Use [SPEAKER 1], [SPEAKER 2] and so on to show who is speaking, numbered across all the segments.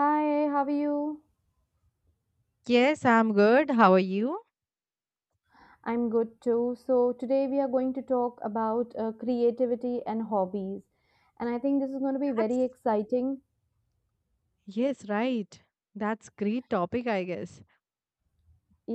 [SPEAKER 1] Hi, how are you?
[SPEAKER 2] Yes, I'm good. How are you?
[SPEAKER 1] I'm good too. So, today we are going to talk about creativity and hobbies. And I think this is going to be
[SPEAKER 2] That's
[SPEAKER 1] very exciting
[SPEAKER 2] yes, right. That's great topic, I guess.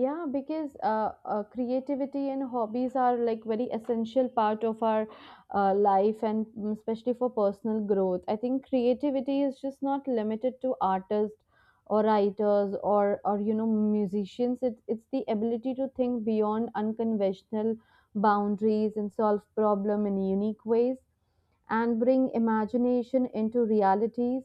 [SPEAKER 1] yeah because creativity and hobbies are like very essential part of our life and especially for personal growth, I think creativity is just not limited to artists or writers or you know musicians. It's the ability to think beyond unconventional boundaries and solve problem in unique ways and bring imagination into realities.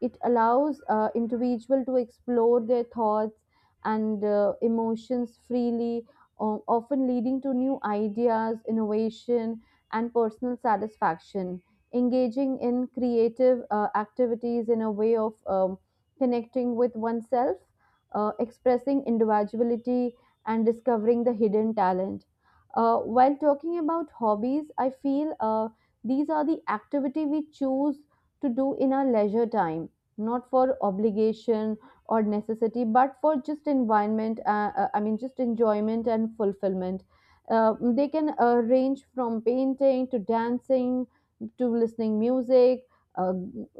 [SPEAKER 1] It allows individual to explore their thoughts and emotions freely, often leading to new ideas, innovation, and personal satisfaction. Engaging in creative activities in a way of connecting with oneself, expressing individuality, and discovering the hidden talent. While talking about hobbies, I feel these are the activity we choose to do in our leisure time, not for obligation or necessity, but for just environment. Just enjoyment and fulfillment. They can range from painting to dancing to listening music, uh,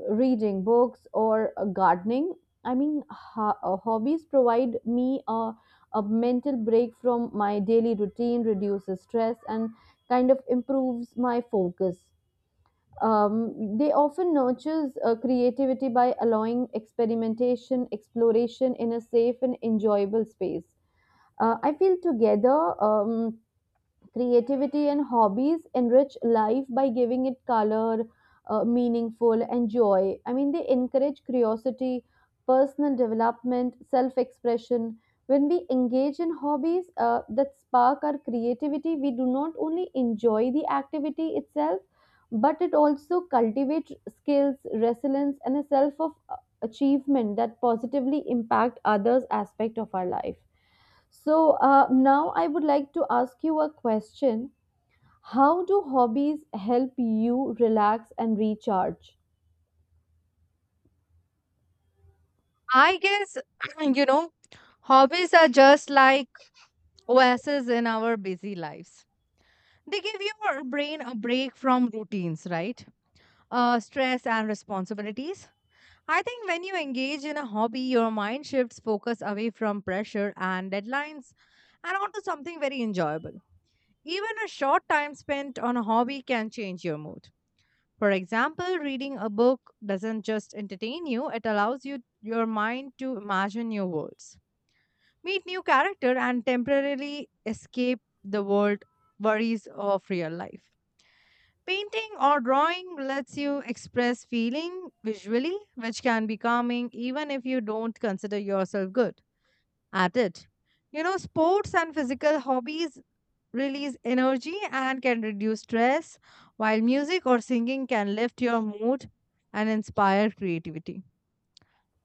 [SPEAKER 1] reading books, or gardening. Hobbies provide me a mental break from my daily routine, reduces stress, and kind of improves my focus. They often nurtures creativity by allowing experimentation exploration in a safe and enjoyable space. I feel together, um, creativity and hobbies enrich life by giving it color, meaningful, and joy. I mean, they encourage curiosity, personal development, self expression. When we engage in hobbies that spark our creativity, we do not only enjoy the activity itself, but it also cultivates skills, resilience, and a self of achievement that positively impact others aspect of our life. So now I would like to ask you a question. How do hobbies help you relax and recharge?
[SPEAKER 2] I guess, you know, hobbies are just like oases in our busy lives. They give your brain a break from routines, right? Stress and responsibilities. I think when you engage in a hobby, your mind shifts focus away from pressure and deadlines and onto something very enjoyable. Even a short time spent on a hobby can change your mood. For example, reading a book doesn't just entertain you, it allows you your mind to imagine new worlds, meet new character and temporarily escape the world worries of real life. Painting or drawing lets you express feeling visually, which can be calming even if you don't consider yourself good at it. You know, sports and physical hobbies release energy and can reduce stress, while music or singing can lift your mood and inspire creativity.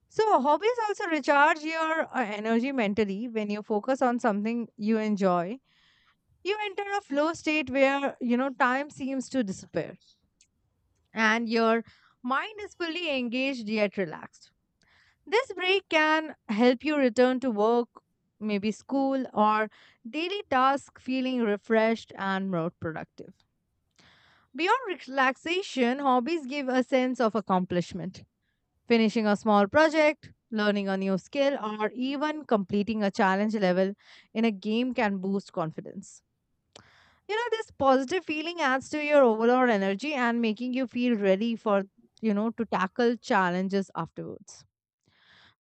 [SPEAKER 2] So, hobbies also recharge your energy mentally when you focus on something you enjoy. You enter a flow state where, you know, time seems to disappear and your mind is fully engaged yet relaxed. This break can help you return to work, maybe school, or daily task feeling refreshed and more productive. Beyond relaxation, hobbies give a sense of accomplishment. Finishing a small project, learning a new skill, or even completing a challenge level in a game can boost confidence. You know, this positive feeling adds to your overall energy and making you feel ready for, you know, to tackle challenges afterwards.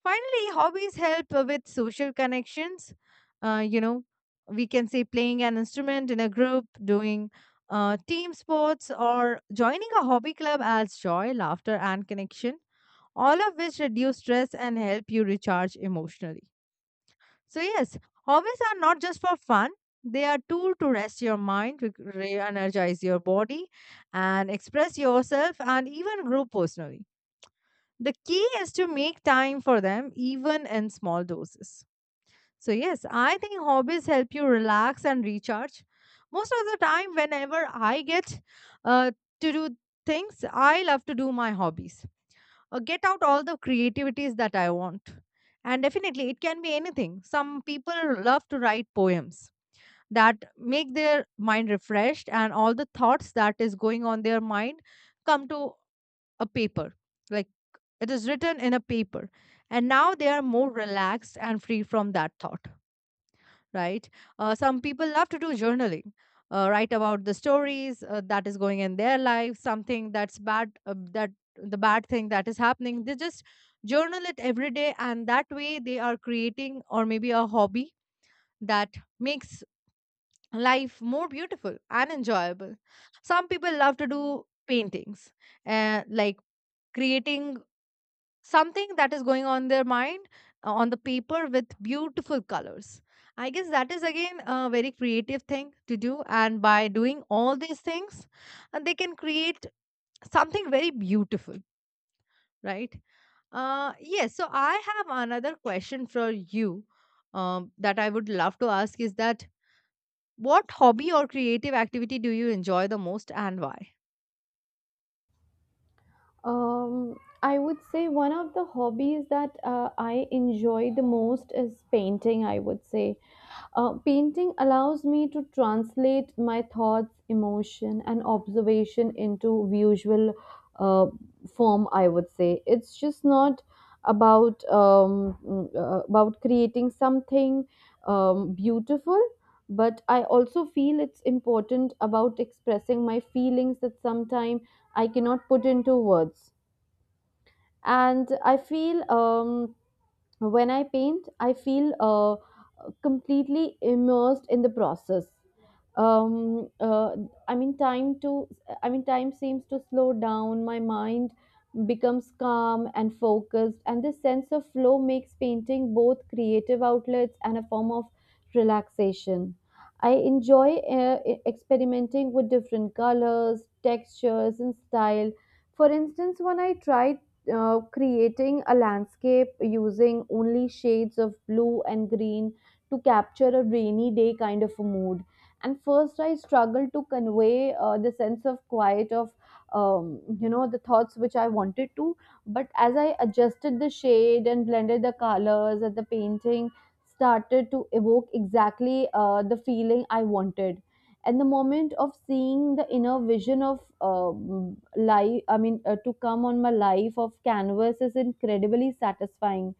[SPEAKER 2] Finally, hobbies help with social connections. You know, we can say playing an instrument in a group, doing team sports, or joining a hobby club adds joy, laughter, and connection, all of which reduce stress and help you recharge emotionally. So, yes, hobbies are not just for fun. They are tool to rest your mind, re energize your body, and express yourself and even grow personally. The key is to make time for them, even in small doses. So, yes, I think hobbies help you relax and recharge. Most of the time, whenever I get uh, to do things, I love to do my hobbies or get out all the creativities that I want. And definitely, it can be anything. Some people love to write poems that make their mind refreshed and all the thoughts that is going on their mind come to a paper like it is written in a paper. And now they are more relaxed and free from that thought, right? Some people love to do journaling, write about the stories that is going in their life, something that's bad, that the bad thing that is happening. They just journal it every day, and that way they are creating or maybe a hobby that makes life more beautiful and enjoyable. Some people love to do paintings, like creating something that is going on their mind on the paper with beautiful colors. I guess that is again a very creative thing to do. And by doing all these things, they can create something very beautiful, right? Yes, so I have another question for you that I would love to ask is that what hobby or creative activity do you enjoy the most and why?
[SPEAKER 1] Um, I would say one of the hobbies that I enjoy the most is painting. I would say painting allows me to translate my thoughts, emotion, and observation into visual uh, form. I would say it's just not about about creating something beautiful, but I also feel it's important about expressing my feelings that sometimes I cannot put into words. And I feel when I paint, I feel completely immersed in the process. Um, uh, I mean, time to Time seems to slow down. My mind becomes calm and focused, and this sense of flow makes painting both creative outlets and a form of relaxation. I enjoy experimenting with different colors, textures, and style. For instance, when I tried creating a landscape using only shades of blue and green to capture a rainy day kind of a mood. And first, I struggled to convey the sense of quiet of, you know, the thoughts which I wanted to. But as I adjusted the shade and blended the colors and the painting started to evoke exactly the feeling I wanted, and the moment of seeing the inner vision of um, life, to come on my life of canvas is incredibly satisfying.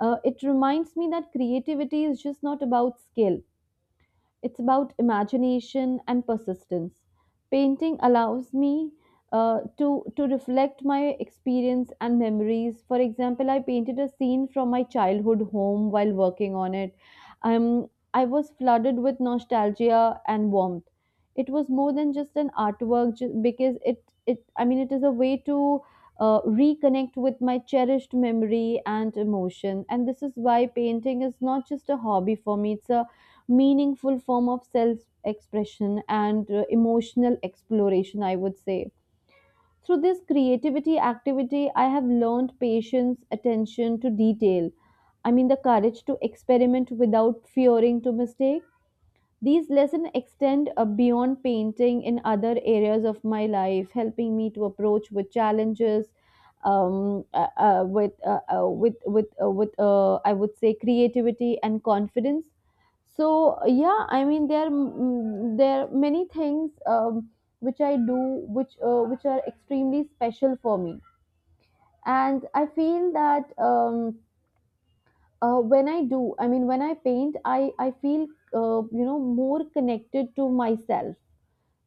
[SPEAKER 1] It reminds me that creativity is just not about skill, it's about imagination and persistence. Painting allows me uh, to to reflect my experience and memories. For example, I painted a scene from my childhood home while working on it. Um, I was flooded with nostalgia and warmth. It was more than just an artwork ju- because it I mean it is a way to reconnect with my cherished memory and emotion. And this is why painting is not just a hobby for me, it's a meaningful form of self expression and emotional exploration, I would say. Through this creativity activity, I have learned patience, attention to detail. I mean, the courage to experiment without fearing to mistake. These lessons extend beyond painting in other areas of my life, helping me to approach with challenges, with I would say creativity and confidence. So yeah, I mean there are, there are many things which I do which are extremely special for me, and I feel that. When I do I mean when I paint, I feel you know more connected to myself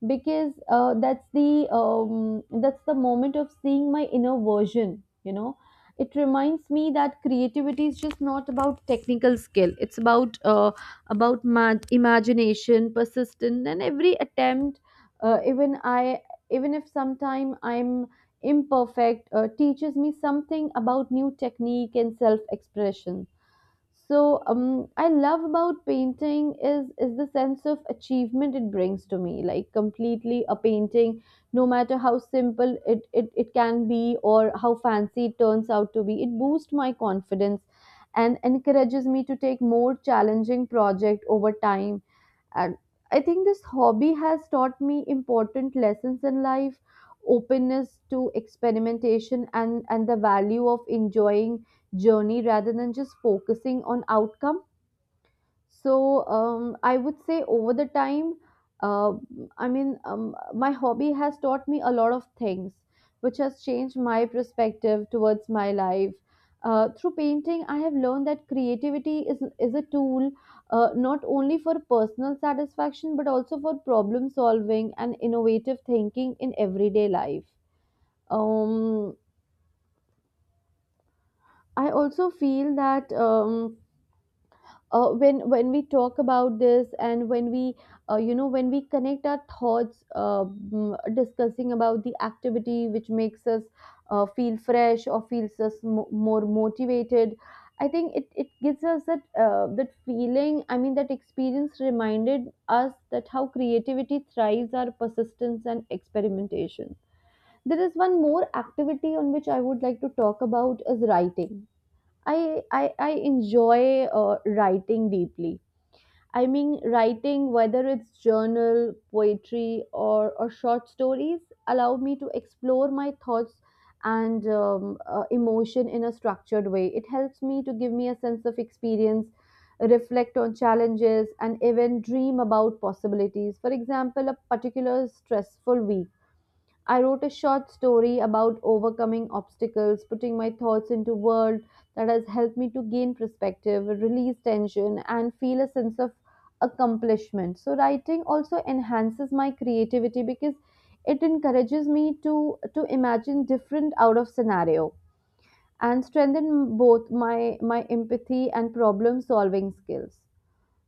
[SPEAKER 1] because that's the moment of seeing my inner version, you know. It reminds me that creativity is just not about technical skill, it's about imagination persistence, and every attempt, uh, even i even if sometime I'm imperfect, teaches me something about new technique and self expression. So I love about painting is the sense of achievement it brings to me. Like completely a painting, no matter how simple it can be or how fancy it turns out to be, it boosts my confidence and encourages me to take more challenging project over time. And I think this hobby has taught me important lessons in life, openness to experimentation, and the value of enjoying journey rather than just focusing on outcome. So I would say over the time, uh, my hobby has taught me a lot of things, which has changed my perspective towards my life. Through painting, I have learned that creativity is a tool not only for personal satisfaction but also for problem solving and innovative thinking in everyday life. Um, I also feel that. When we talk about this and when we you know when we connect our thoughts discussing about the activity which makes us feel fresh or feels us more motivated, I think it gives us that that feeling. That experience reminded us that how creativity thrives our persistence and experimentation. There is one more activity on which I would like to talk about is writing. i I enjoy writing deeply. I mean, writing, whether it's journal, poetry, or short stories, allow me to explore my thoughts and emotion in a structured way. It helps me to give me a sense of experience, reflect on challenges, and even dream about possibilities. For example, a particular stressful week. I wrote a short story about overcoming obstacles, putting my thoughts into words that has helped me to gain perspective, release tension, and feel a sense of accomplishment. So writing also enhances my creativity because it encourages me to imagine different out of scenario and strengthen both my empathy and problem solving skills.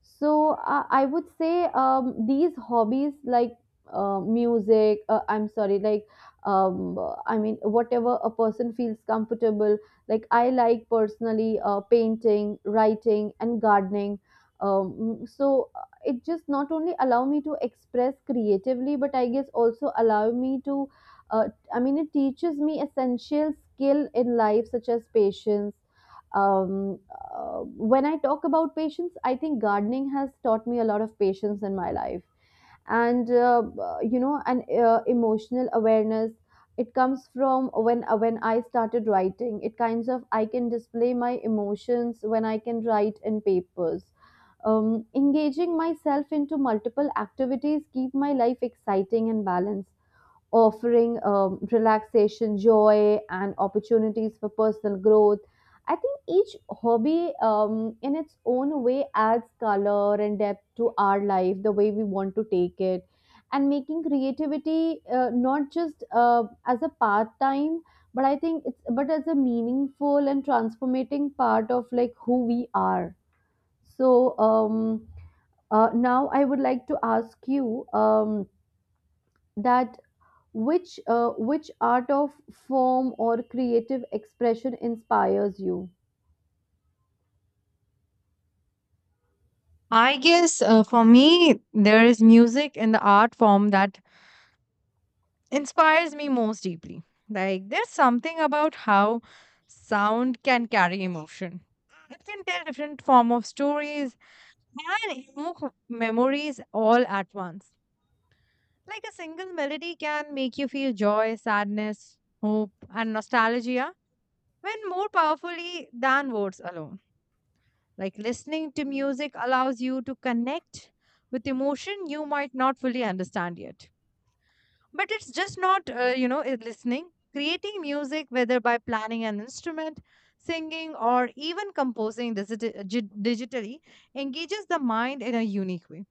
[SPEAKER 1] So I would say these hobbies like music, I'm sorry, like um, I mean whatever a person feels comfortable. Like I like personally painting, writing, and gardening. It just not only allow me to express creatively, but I guess also allow me to. It teaches me essential skill in life such as patience. When I talk about patience, I think gardening has taught me a lot of patience in my life, and you know, an emotional awareness. It comes from when I started writing. It kinds of I can display my emotions when I can write in papers. Engaging myself into multiple activities keep my life exciting and balanced, offering relaxation, joy, and opportunities for personal growth. I think each hobby, in its own way, adds color and depth to our life, the way we want to take it, and making creativity not just as a part time, but I think it's but as a meaningful and transformating part of like who we are. So now I would like to ask you that which art of form or creative expression inspires you?
[SPEAKER 2] I guess for me, there is music in the art form that inspires me most deeply. Like, there's something about how sound can carry emotion. It can tell different form of stories and memories all at once. Like a single melody can make you feel joy, sadness, hope, and nostalgia when more powerfully than words alone. Like listening to music allows you to connect with emotion you might not fully understand yet. But it's just not, you know, listening. Creating music, whether by planning an instrument, singing, or even composing digitally, engages the mind in a unique way.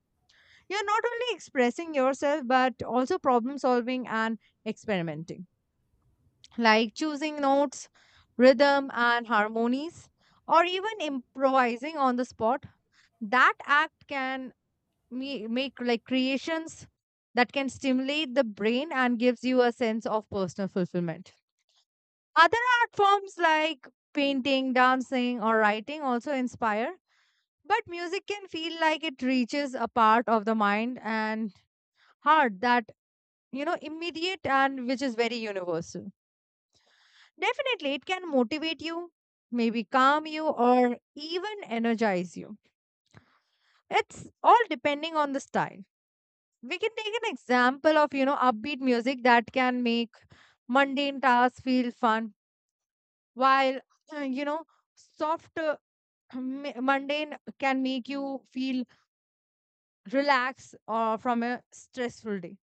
[SPEAKER 2] You're not only expressing yourself, but also problem solving and experimenting, like choosing notes, rhythm, and harmonies, or even improvising on the spot. That act can me make like creations that can stimulate the brain and gives you a sense of personal fulfillment. Other art forms like painting, dancing, or writing also inspire, but music can feel like it reaches a part of the mind and heart that you know immediate and which is very universal. Definitely, it can motivate you, maybe calm you, or even energize you. It's all depending on the style. We can take an example of, you know, upbeat music that can make mundane tasks feel fun, while, you know, soft mundane can make you feel relaxed or from a stressful day.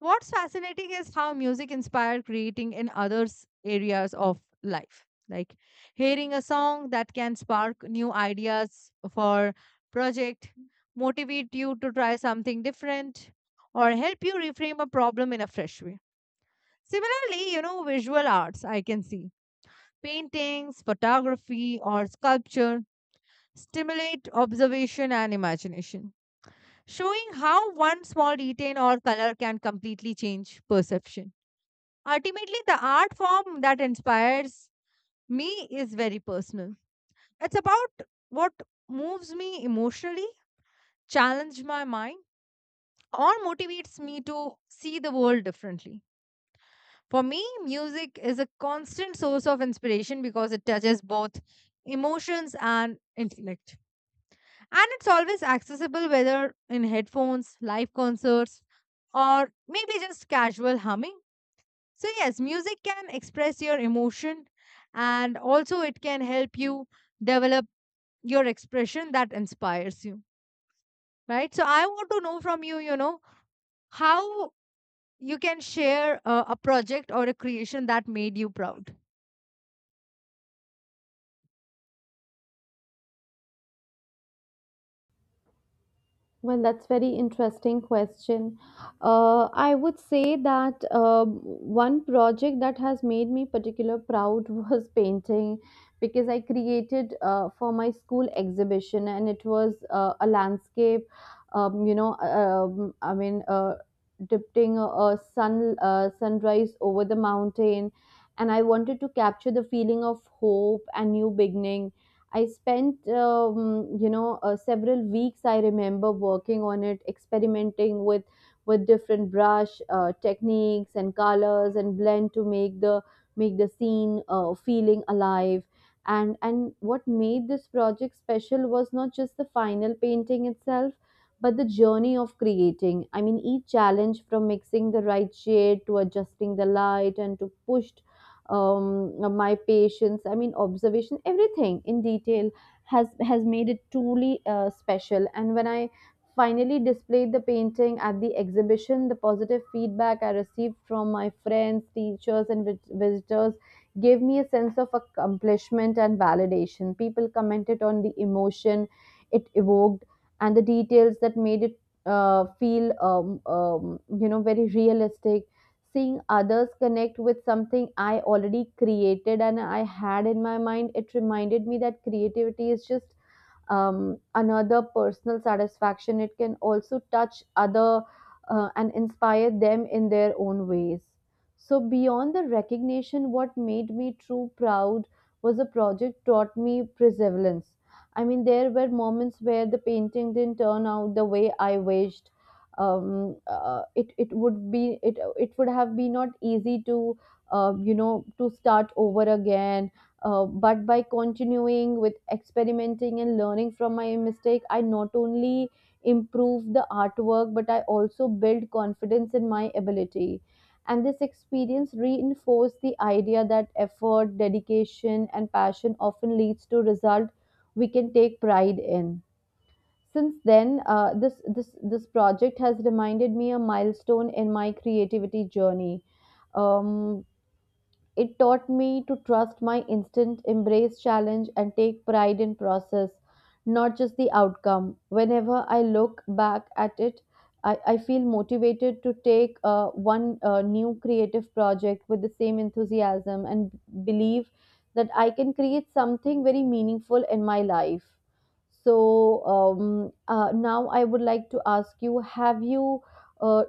[SPEAKER 2] What's fascinating is how music inspired creating in others areas of life. Like hearing a song that can spark new ideas for project, motivate you to try something different, or help you reframe a problem in a fresh way. Similarly, you know, visual arts I can see. Paintings, photography, or sculpture stimulate observation and imagination, showing how one small detail or color can completely change perception. Ultimately, the art form that inspires me is very personal. It's about what moves me emotionally, challenges my mind, or motivates me to see the world differently. For me, music is a constant source of inspiration because it touches both emotions and intellect. And it's always accessible whether in headphones, live concerts, or maybe just casual humming. So, yes, music can express your emotion and also it can help you develop your expression that inspires you, right? So, I want to know from you, you know, how you can share a project or a creation that made you proud.
[SPEAKER 1] Well, that's very interesting question. I would say that one project that has made me particular proud was painting because I created for my school exhibition and it was a landscape, um, you know, um, I mean, uh, depicting a sunrise over the mountain, and I wanted to capture the feeling of hope and new beginning. I spent, several weeks. I remember working on it, experimenting with different brush techniques and colors and blend to make the scene feeling alive. And what made this project special was not just the final painting itself, but the journey of creating. I mean, each challenge from mixing the right shade to adjusting the light and to pushed my patience, I mean observation, everything in detail has made it truly special. And when I finally displayed the painting at the exhibition, the positive feedback I received from my friends, teachers and visitors gave me a sense of accomplishment and validation. People commented on the emotion it evoked and the details that made it feel very realistic. Seeing others connect with something I already created and I had in my mind, it reminded me that creativity is just another personal satisfaction. It can also touch other and inspire them in their own ways. So beyond the recognition, what made me true proud was a project taught me perseverance. I mean, there were moments where the painting didn't turn out the way I wished. It it would have been not easy to to start over again, but by continuing with experimenting and learning from my mistake, I not only improve the artwork but I also build confidence in my ability. And this experience reinforced the idea that effort, dedication, and passion often leads to result we can take pride in. Since then, this project has reminded me a milestone in my creativity journey. um, it taught me to trust my instinct, embrace challenge, and take pride in process, not just the outcome. Whenever I look back at it, I feel motivated to take one new creative project with the same enthusiasm and believe that I can create something very meaningful in my life. So now I would like to ask you, have you uh,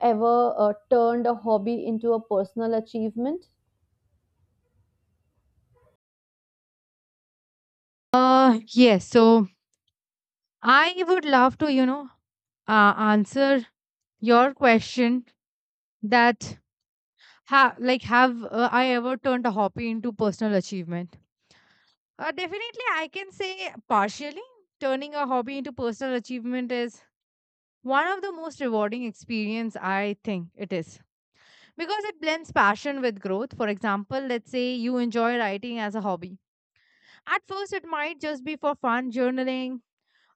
[SPEAKER 1] ever turned a hobby into a personal achievement?
[SPEAKER 2] Yes. So I would love to, you know, answer your question that like, have I ever turned a hobby into personal achievement? Definitely, I can say partially. Turning a hobby into personal achievement is one of the most rewarding experience I think it is because it blends passion with growth. For example, let's say you enjoy writing as a hobby. At first, it might just be for fun, journaling,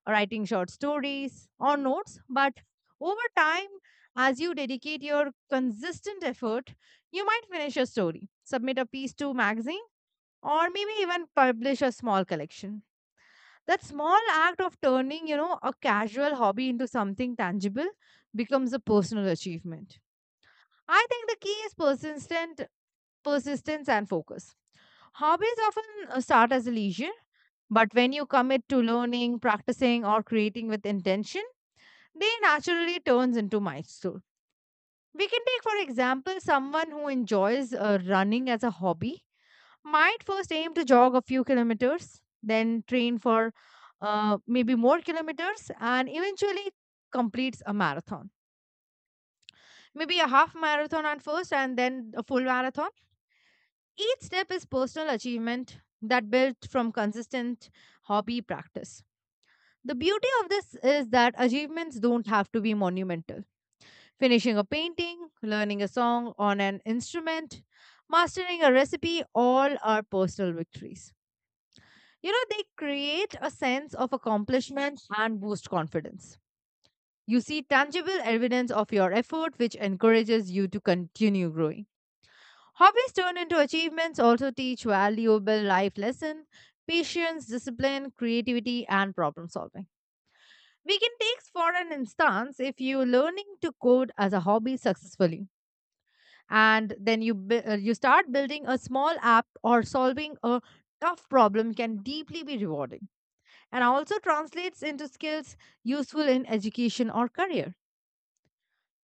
[SPEAKER 2] writing short stories or notes, but over time, as you dedicate your consistent effort, you might finish a story, submit a piece to magazine or maybe even publish a small collection. That small act of turning, you know, a casual hobby into something tangible becomes a personal achievement. I think the key is persistent persistence and focus. Hobbies often start as a leisure, but when you commit to learning, practicing or creating with intention, they naturally turns into milestone. We can take for example someone who enjoys running as a hobby might first aim to jog a few kilometers, then train for maybe more kilometers, and eventually completes a marathon. Maybe a half marathon at first, and then a full marathon. Each step is personal achievement that built from consistent hobby practice. The beauty of this is that achievements don't have to be monumental. Finishing a painting, learning a song on an instrument, mastering a recipe, all are personal victories. You know, they create a sense of accomplishment and boost confidence. You see tangible evidence of your effort, which encourages you to continue growing. Hobbies turned into achievements also teach valuable life lessons patience, discipline, creativity, and problem solving. We can take for an instance if you're learning to code as a hobby successfully, and then you you start building a small app or solving a tough problem can deeply be rewarding. And also translates into skills useful in education or career.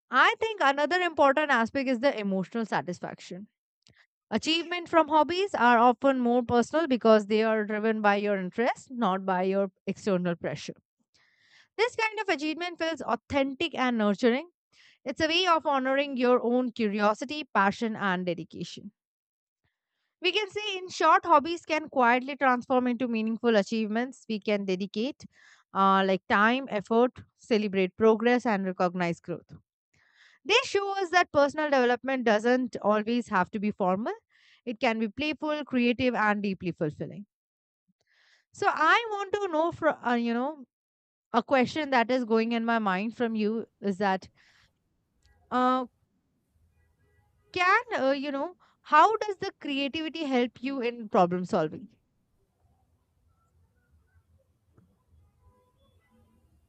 [SPEAKER 2] I think another important aspect is the emotional satisfaction. Achievement from hobbies are often more personal because they are driven by your interest, not by your external pressure. This kind of achievement feels authentic and nurturing. It's a way of honoring your own curiosity, passion, and dedication. We can say, in short, hobbies can quietly transform into meaningful achievements. We can dedicate like time, effort, celebrate progress, and recognize growth. They show us that personal development doesn't always have to be formal. It can be playful, creative, and deeply fulfilling. So I want to know, from you know, a question that is going in my mind from you is that uh, can you know how does the creativity help you in problem solving?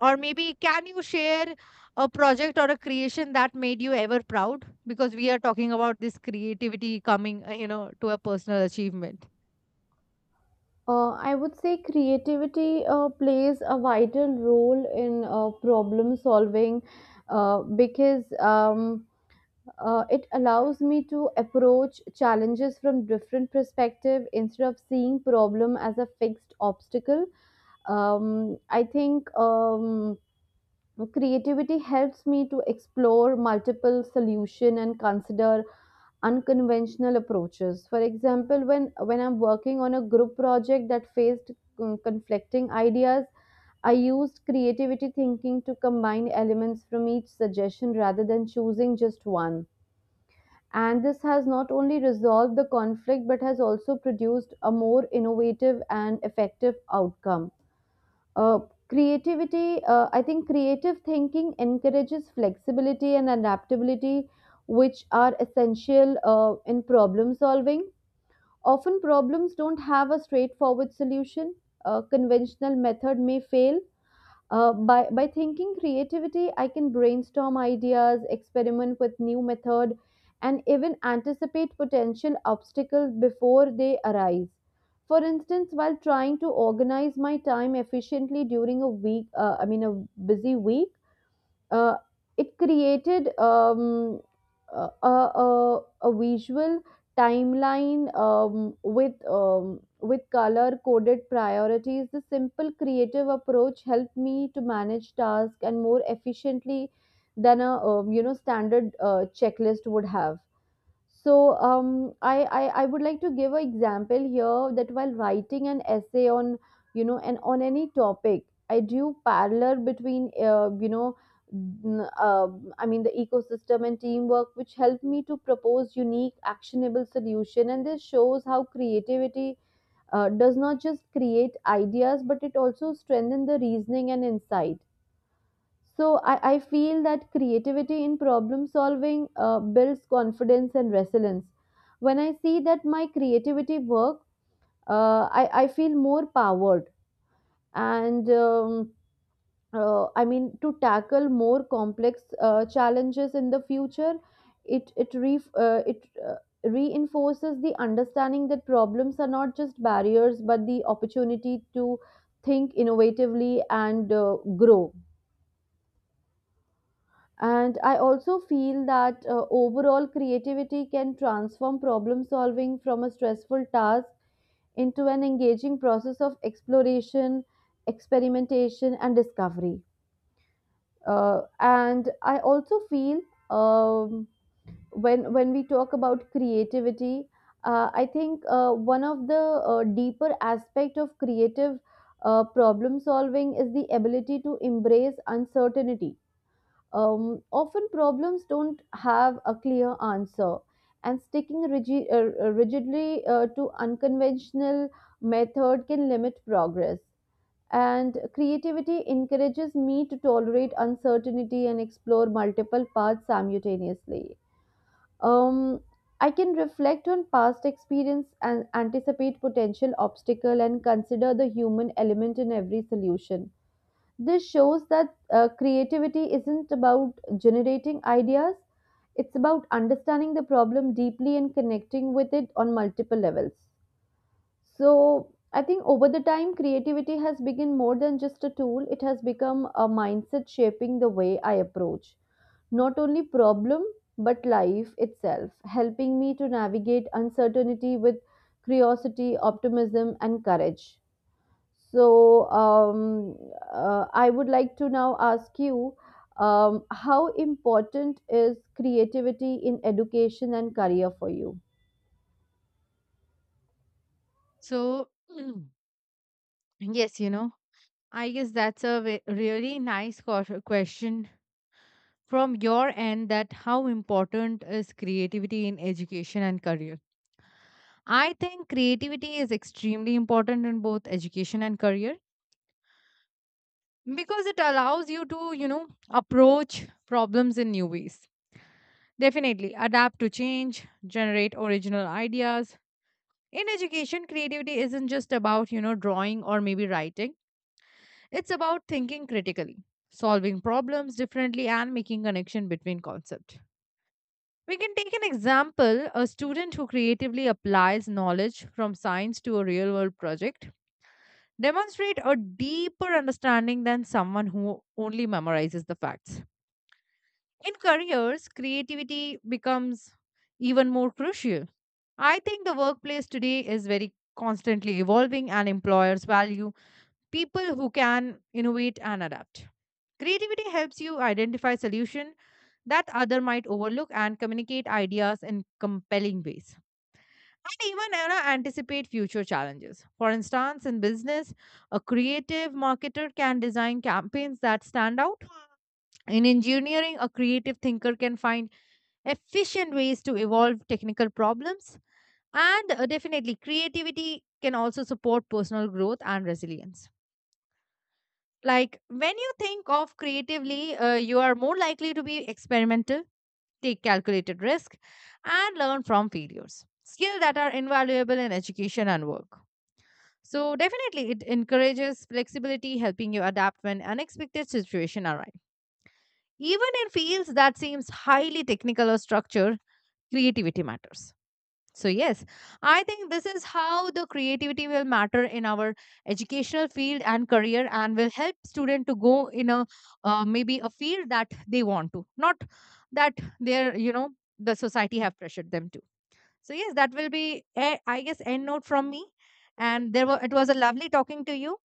[SPEAKER 2] Or maybe can you share a project or a creation that made you ever proud? Because we are talking about this creativity coming, you know, to a personal achievement.
[SPEAKER 1] I would say creativity plays a vital role in problem solving, because it allows me to approach challenges from different perspective instead of seeing problem as a fixed obstacle. I think creativity helps me to explore multiple solution and consider unconventional approaches. For example, when I'm working on a group project that faced conflicting ideas, I used creativity thinking to combine elements from each suggestion rather than choosing just one. And this has not only resolved the conflict but has also produced a more innovative and effective outcome. Uh, I think creative thinking encourages flexibility and adaptability, which are essential in problem solving. Often, problems don't have a straightforward solution. A conventional method may fail. By thinking creativity, I can brainstorm ideas, experiment with new method, and even anticipate potential obstacles before they arise. For instance, while trying to organize my time efficiently during a week, I mean a busy week, uh, it created a, a, a visual timeline with color coded priorities. The simple creative approach helped me to manage tasks and more efficiently than a standard checklist would have. So I would like to give an example here that while writing an essay on you know and on any topic, I drew parallel between the ecosystem and teamwork, which helped me to propose unique actionable solution. And this shows how creativity does not just create ideas, but it also strengthens the reasoning and insight. So I feel that creativity in problem solving builds confidence and resilience. When I see that my creativity work, I feel more powered and I mean to tackle more complex challenges in the future. It reinforces the understanding that problems are not just barriers but the opportunity to think innovatively and grow. And I also feel that overall creativity can transform problem solving from a stressful task into an engaging process of exploration, experimentation, and discovery. And I also feel um, when we talk about creativity, I think one of the deeper aspect of creative problem solving is the ability to embrace uncertainty. Often problems don't have a clear answer, and sticking rigidly to unconventional method can limit progress. And creativity encourages me to tolerate uncertainty and explore multiple paths simultaneously. Um, I can reflect on past experience and anticipate potential obstacle and consider the human element in every solution. This shows that creativity isn't about generating ideas, it's about understanding the problem deeply and connecting with it on multiple levels. So, I think over the time, creativity has become more than just a tool, it has become a mindset shaping the way I approach not only problem but life itself, helping me to navigate uncertainty with curiosity, optimism, and courage. So, I would like to now ask you, how important is creativity in education and career for you?
[SPEAKER 2] So, yes, you know, I guess that's a really nice question from your end that how important is creativity in education and career? I think creativity is extremely important in both education and career because it allows you to, you know, approach problems in new ways. Definitely adapt to change, generate original ideas. In education, creativity isn't just about, you know, drawing or maybe writing. It's about thinking critically, solving problems differently and making connection between concepts. We can take an example, a student who creatively applies knowledge from science to a real-world project demonstrate a deeper understanding than someone who only memorizes the facts. In careers, creativity becomes even more crucial. I think the workplace today is very constantly evolving and employers value people who can innovate and adapt. Creativity helps you identify solutions that other might overlook and communicate ideas in compelling ways. And even you know, anticipate future challenges. For instance, in business, a creative marketer can design campaigns that stand out. In engineering, a creative thinker can find efficient ways to evolve technical problems. And definitely, creativity can also support personal growth and resilience. Like when you think of creatively, you are more likely to be experimental, take calculated risk, and learn from failures. Skills that are invaluable in education and work. So definitely, it encourages flexibility, helping you adapt when unexpected situations arrive. Even in fields that seems highly technical or structured, creativity matters. So, yes, I think this is how the creativity will matter in our educational field and career and will help student to go in a maybe a field that they want to, not that they're, you know, the society have pressured them to. So, yes, that will be, I guess, end note from me. And there were, it was a lovely talking to you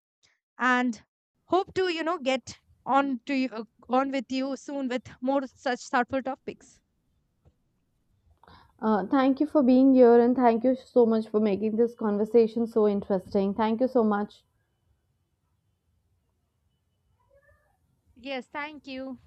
[SPEAKER 2] and hope to, you know, get on to you, on with you soon with more such thoughtful topics.
[SPEAKER 1] Thank you for being here and thank you so much for making this conversation so interesting. Thank you so much.
[SPEAKER 2] Yes, thank you.